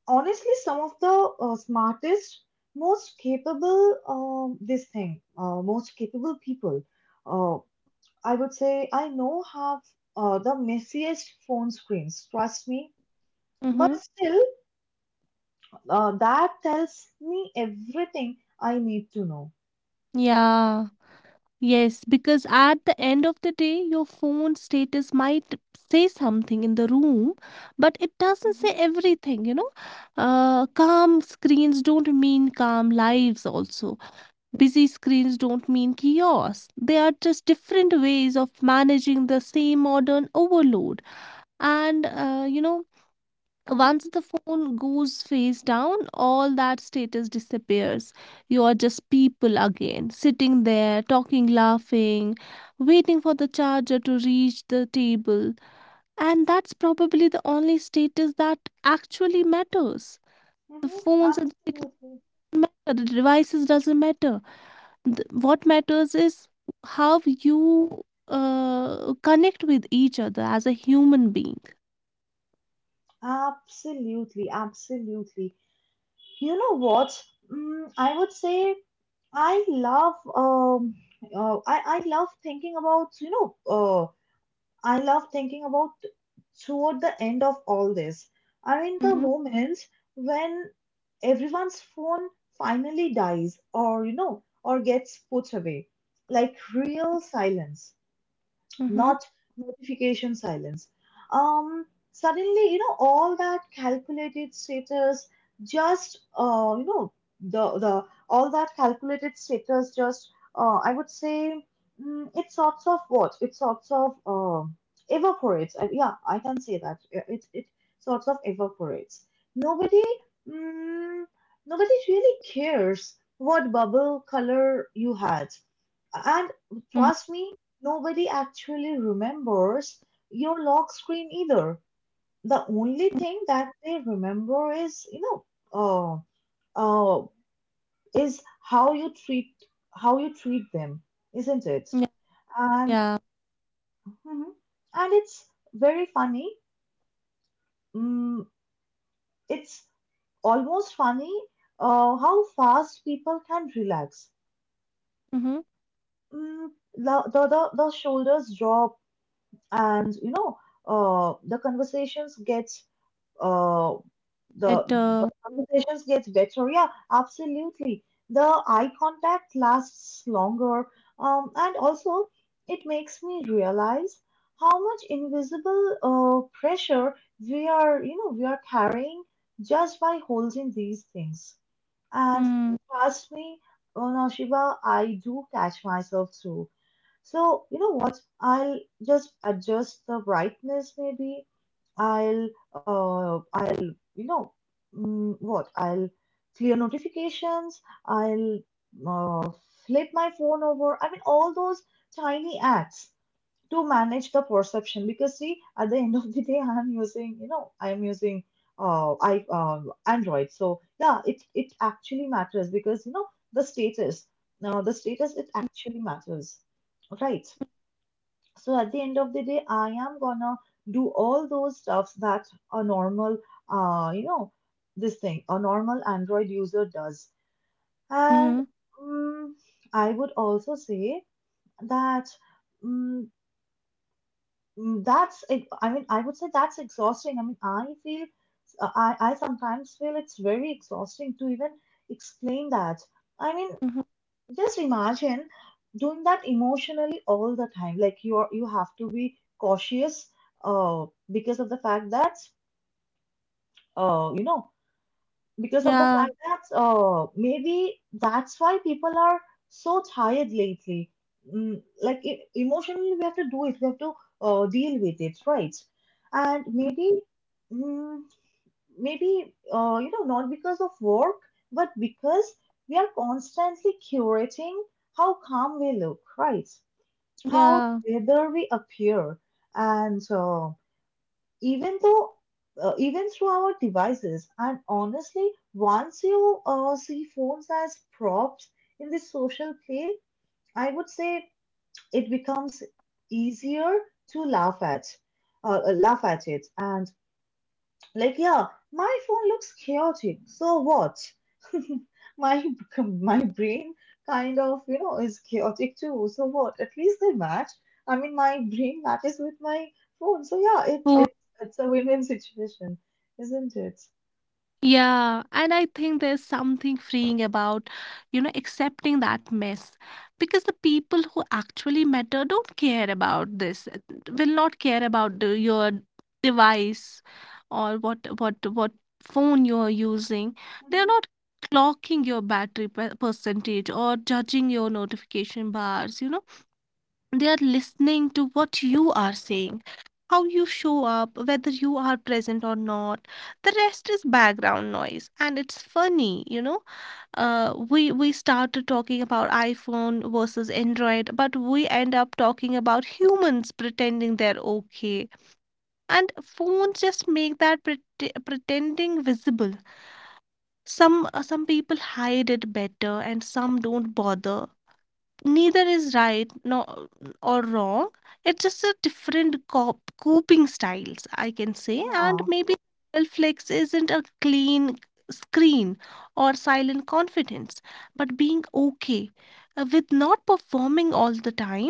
Honestly, some of the, smartest, most capable people, uh, I would say, I know have, the messiest phone screens. Trust me, mm-hmm, but still, that tells me everything I need to know. yeah, yes, because at the end of the day your phone status might say something in the room but it doesn't say Hmm. everything, you know. Calm screens don't mean calm lives also. Busy screens don't mean chaos. They are just different ways of managing the same modern overload. And, you know, Hmm. once the phone goes face down, all that status disappears. You are just people again, sitting there, talking, laughing, waiting for the charger to reach the table. And that's probably the only status that actually matters. The Hmm. phones and the technology Absolutely, matter, the devices doesn't matter, what matters is how you connect with each other as a human being. absolutely, absolutely. You know what? I would say, I love, I love thinking about, uh I love thinking about, toward the end of all this. I mean, the Mm-hmm, moments when everyone's phone finally dies, or you know or gets put away, like real silence, mm-hmm, not notification silence. Um, Suddenly, you know, all that calculated status just, you know, the all that calculated status just, I would say, it sorts of, what? It sorts of, evaporates. Yeah, I can say that. It sorts of evaporates. Nobody, mm, nobody really cares what bubble color you had, and hmm, trust me, nobody actually remembers your lock screen either. The only thing that they remember know, uh, uh, is how you treat them, isn't it? yeah, And yeah. mhm. And it's very funny. Mm, it's almost funny, how fast people can relax. Mm-hmm. Mm, the shoulders drop, and, uh, the conversations get uh, the, That, uh, the conversations get better, yeah, absolutely, the eye contact lasts longer. And also, it makes me realize how much invisible, pressure we are carrying just by holding these things. And mm, trust me, oh Shiva, I do catch myself too. So, you know what? I'll just adjust the brightness, maybe. I'll, I'll, you know, mm, what? I'll clear notifications. I'll, uh, flip my phone over. I mean, all those tiny acts to manage the perception, because, see, at the end of the day, *laughs* I'm using you know I'm using I Android. So yeah, it actually matters because, you know, the status the status, it actually matters, right? So at the end of the day, I am gonna do all those stuffs that a normal you know this thing a normal Android user does. And, mm I would also say that, mm, I mean, I would say that's exhausting. I mean, I feel, I sometimes feel it's very exhausting to even explain that. I mean, mm-hmm, just imagine doing that emotionally all the time. Like, you have to be cautious, uh, because of the fact that, you know, because of the yeah. fact that maybe that's why people are so tired lately. Like, emotionally, we have to do it. We have to, deal with it, right? And maybe, mm, maybe, not because of work, but because we are constantly curating how calm we look, right? How, Yeah. whether we appear, and, even though even through our devices. And honestly, once you, see phones as props in this social play, I would say it becomes easier to laugh at it and, like, yeah, my phone looks chaotic. So what? *laughs* my my brain kind of, you know, is chaotic too. So what? At least they match. I mean, my brain matches with my phone. So yeah, it, So it it's a win-win situation, isn't it? yeah, and I think there's something freeing about, you know, accepting that mess because the people who actually matter don't care about this, will not care about the, your device or what phone you're using. They're Hmm. not clocking your battery percentage or judging your notification bars, you know, they are listening to what you are saying, how you show up, whether you are present or not. The rest is background noise, and it's funny, you know, we started talking about iphone versus android, but we end up talking about humans pretending they're okay, and phones just make that pretending visible. Some, some people hide it better and some don't bother. Neither is right, no, or wrong. It's just a different coping styles, I can say. And Yeah. maybe real flex isn't a clean screen or silent confidence, but being okay with not performing all the time,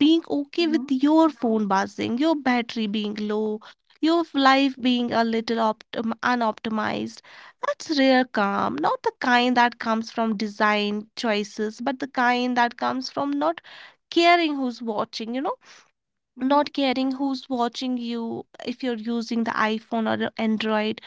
being okay with Hmm. your phone buzzing, your battery being low, your life being a little unoptimized. That's rare calm, not the kind that comes from design choices, but the kind that comes from not caring who's watching, you know, Hmm. not caring who's watching you if you're using the iPhone or the Android.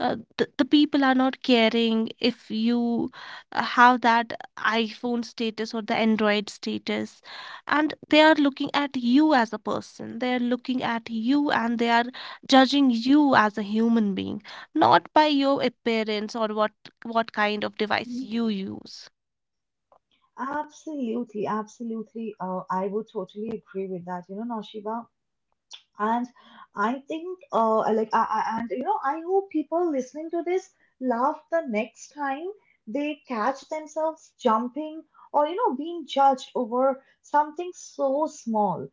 The people are not caring if you have that iphone status or the android status, and they are looking at you as a person, they are looking at you and they are judging you as a human being, not by your appearance or what kind of Hmm. device you use. Absolutely, absolutely. I would totally agree with that. You know, Noshiba, and I think, I like, I and you know, I hope people listening to this laugh the next time they catch themselves jumping or, you know, being judged over something so small.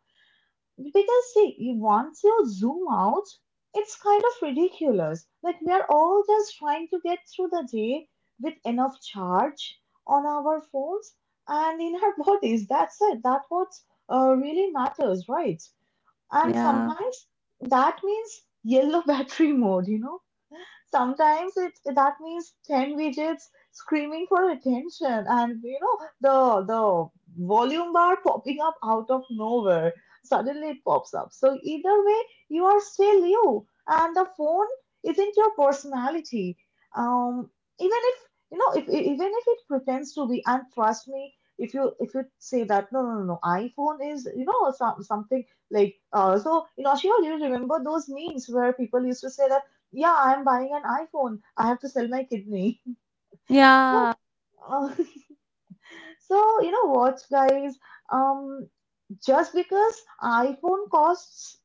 Because, see, once you zoom out, it's kind of ridiculous. Like, we are all just trying to get through the day with enough charge on our phones and in our *laughs* bodies. That's it. That's what really matters, right? And Yeah, sometimes that means yellow *laughs* battery mode, you know, sometimes it that means ten widgets screaming for attention, and you know the volume bar popping up out of nowhere. Suddenly it pops up. So either way, you are still you, and the phone isn't your personality. Um, Even if you know if even if it pretends to be, and trust me, if you say that no no no no, iPhone is you know some, something like so you know sure you remember those memes where people used to say that, yeah, I'm buying an iPhone. I have to sell my kidney. *laughs* No. yeah, Uh, *laughs* so, you know what, guys? Um, just because iPhone costs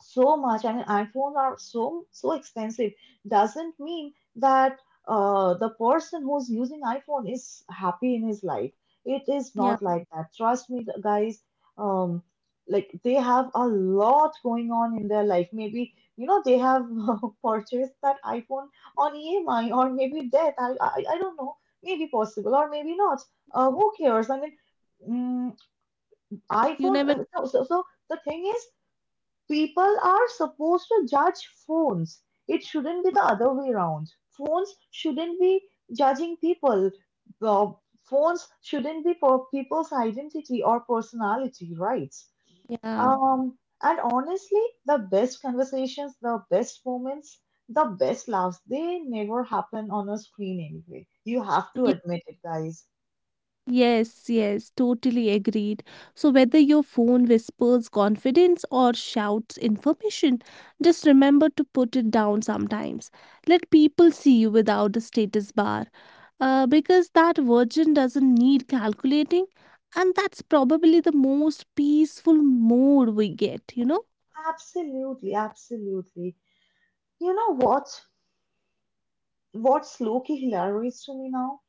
so much. I mean, iPhones are so so expensive. Doesn't mean that the person who's using iPhone is happy in his life. It is yeah. not like that. Trust me, the guys. Um, like they have a lot going on in their life. Maybe you know they have *laughs* purchased that iPhone on EMI or maybe debt. I don't know. Maybe possible or maybe not. Who cares? I mean, mm, You iPhones. never, I mean, so the thing is, people are supposed to judge phones. It shouldn't be the other way around. Phones shouldn't be judging people. Uh, Phones shouldn't be for people's identity or personality, right? yeah, Um, and honestly, the best conversations, the best moments, the best laughs, they never happen on a screen anyway. You have to yeah, admit it, guys. yes, yes, totally agreed. So, whether your phone whispers confidence or shouts information, just remember to put it down sometimes. Let people see you without the status bar. Because that virgin doesn't need calculating, and that's probably the most peaceful mode we get, you know? Absolutely, absolutely. You know what? What's low-key hilarious to me now?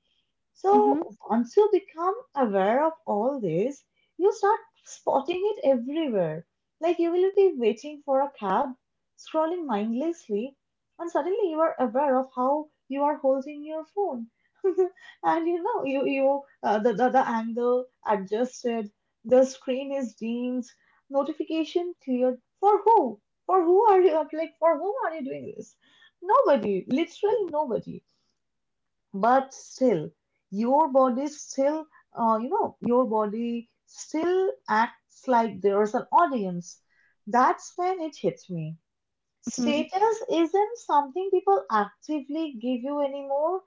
Mm-hmm. So once you become aware of all this, you start spotting it everywhere. Like you will be waiting for a cab, scrolling mindlessly, and suddenly you are aware of how you are holding your phone. *laughs* And you know, you the angle adjusted, the screen is dimmed, notification cleared. For who? For who are you? Like, for whom are you doing this? Nobody, literally nobody, but still your body still you know your body still acts like there's an audience. That's when it hits me, Hmm. status isn't something people actively give you anymore,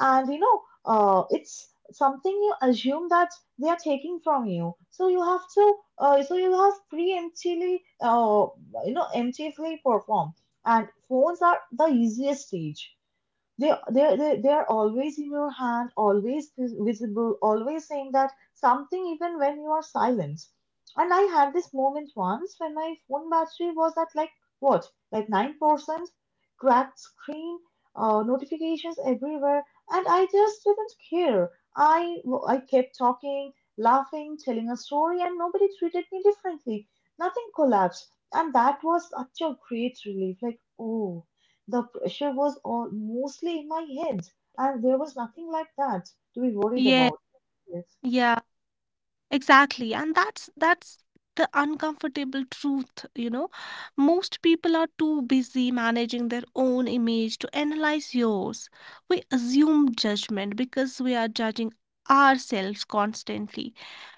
and you know it's something you assume that they are taking from you, so you have to so you have preemptively emptively perform, and phones are the easiest stage. They are always in your hand, always visible, always saying that something even when you are silent. And I had this moment once when my phone battery was at like what, like 9%, cracked screen, notifications everywhere, and I just didn't care. I kept talking, laughing, telling a story, and nobody treated me differently. Nothing collapsed, and that was such a great relief. Like oh. The pressure was all, mostly in my head, and there was nothing like that to be worried Yeah, about. Yes. yeah. Exactly. And that's the uncomfortable truth, you know. Most people are too busy managing their own image to analyze yours. We assume judgment because we are judging ourselves constantly.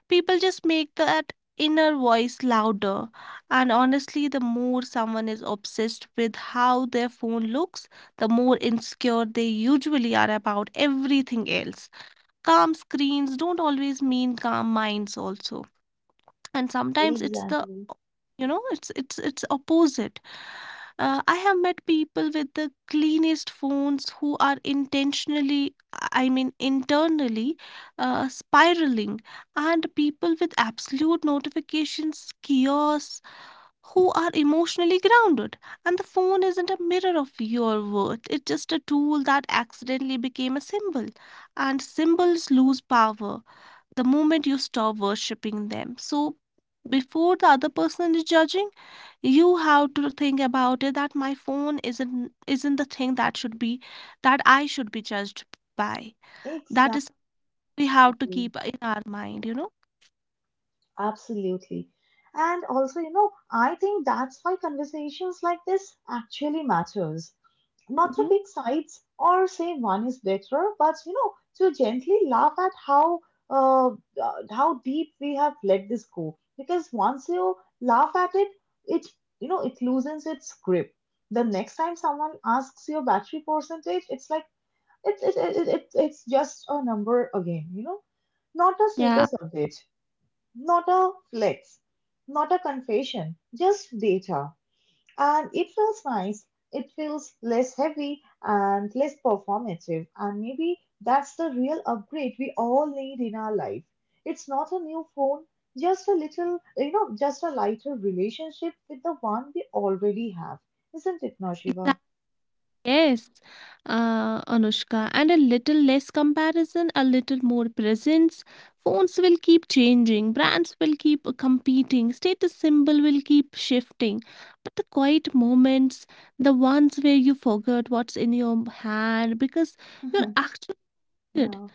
People just make that inner voice louder. And honestly, the more someone is obsessed with how their phone looks, the more insecure they usually are about everything else. Calm screens don't always mean calm minds also, and sometimes it's the, Exactly. you know, it's opposite. I have met people with the cleanest phones who are intentionally, I mean internally, spiraling, and people with absolute notifications chaos who are emotionally grounded. And the phone isn't a mirror of your worth, it's just a tool that accidentally became a symbol. And Mhm. symbols lose power the moment you stop worshipping them. So, before the other person is judging, you have to think about it that my phone isn't the thing that should be that I should be judged by. That Exactly, is we have to keep in our mind, you know. absolutely. And also, you know, I think that's why conversations like this actually matters. Not to Hmm. pick sides or say one is better, but you know, to gently laugh at how deep we have let this go. Because once you laugh at it, it you know it loosens its grip. The next time someone asks your battery percentage, it's like it's just a number again. You know, not a Yeah, status update, not a flex, not a confession, just data. And it feels nice. It feels less heavy and less performative. And maybe that's the real upgrade we all need in our life. It's not a new phone, just a little, you know, just a lighter relationship with the one we already have. Isn't it, exactly. Nashiva? Yes, Anushka, and a little less comparison, a little more presence. Phones will keep changing, brands will keep competing, status symbol will keep shifting. But the quiet moments, the ones where you forgot what's in your hand because *laughs* you're actually Yeah.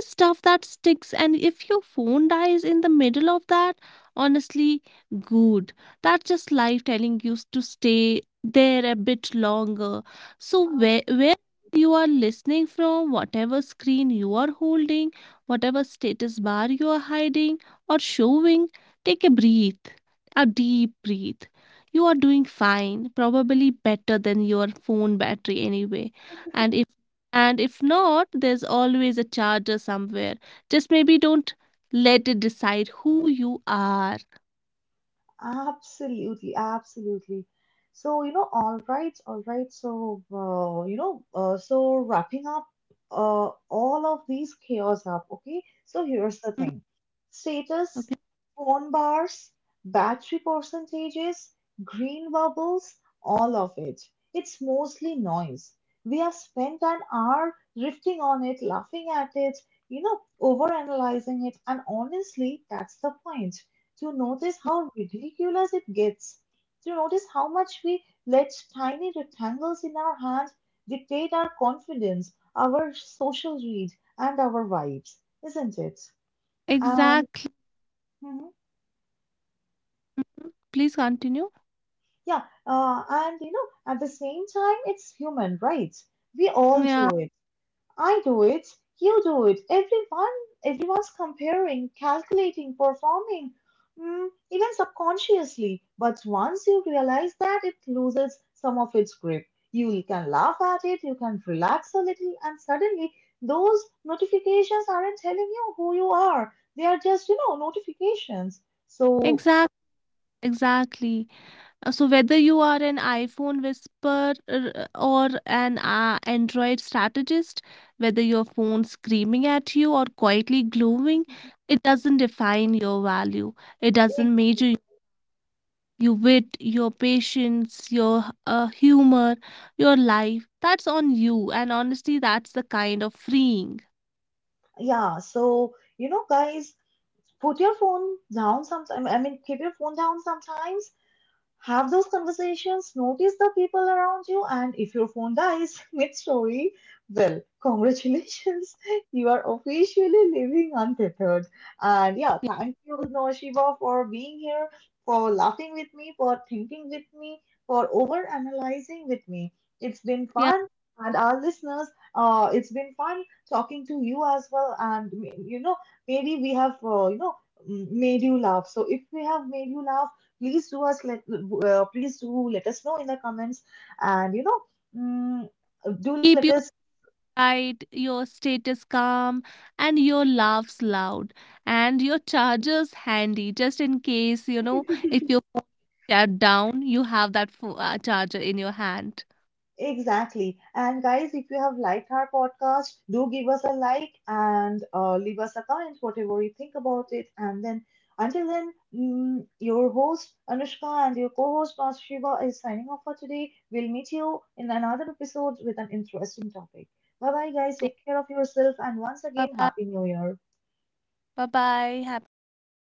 stuff that sticks, and if your phone dies in the middle of that, honestly, good, that's just life telling you to stay there a bit longer. So where you are listening from, whatever screen you are holding, whatever status bar you are hiding or showing, take a breath, a deep breath, you are doing fine, probably better than your phone battery anyway. And if and if not, there's always a charger somewhere. Just maybe don't let it decide who you are. Absolutely, absolutely. So, you know, all right, all right. So, you know, so wrapping up all of these chaos up, okay? So, here's the Mhm. thing: Okay. status, phone bars, battery percentages, green bubbles, all of it. It's mostly noise. We have spent an hour drifting on it, laughing at it, you know, overanalyzing it, and honestly, that's the point, to notice how ridiculous it gets, to notice how much we let tiny rectangles in our hands dictate our confidence, our social read, and our vibes, isn't it? And Exactly. mhm, Please continue. yeah, and you know, at the same time, it's human, right? We all Yeah. do, I do it, you do it, everyone's comparing, calculating, performing, even subconsciously. But once you realize that it loses some of its grip, you can laugh at it, you can relax a little, and suddenly those notifications aren't telling you who you are. They are just, you know, notifications. So, Exactly. Exactly. So whether you are an iPhone whisperer or an Android strategist, whether your phone screaming at you or quietly glowing, it doesn't define your value. It it- doesn't measure your wit, your patience, your humor, your life. That's on you. And honestly, that's the kind of freeing. yeah, so, you know, guys, put your phone down sometimes. I mean, keep your phone down sometimes. Have those conversations, notice the people around you, and if your phone dies *laughs* mid story, well, congratulations, *laughs* you are officially living untethered. And yeah, Yeah, thank you, Shiva, for being here, for laughing with me, for thinking with me, for over analyzing with me. It's been yeah. fun. And our listeners, it's been fun talking to you as well. And you know, maybe we have, you know, made you laugh. So if we have made you laugh, please do us let please do let us know in the comments. And you know, mm, do let Keep your us pride, your status calm, and your laughs loud, and your chargers handy just in case, you know, if *laughs* your phone is shut down, you have that charger in your hand. exactly and guys if you have liked our podcast do give us a like and leave us a comment whatever you think about it. And then until then, your host Anushka and your co-host Mas Shiva is signing off for today. We'll meet you in another episode with an interesting topic. Bye bye guys, Yeah. take care of yourself, and once Bye again, bye. happy new year. Bye bye. Happy New Year.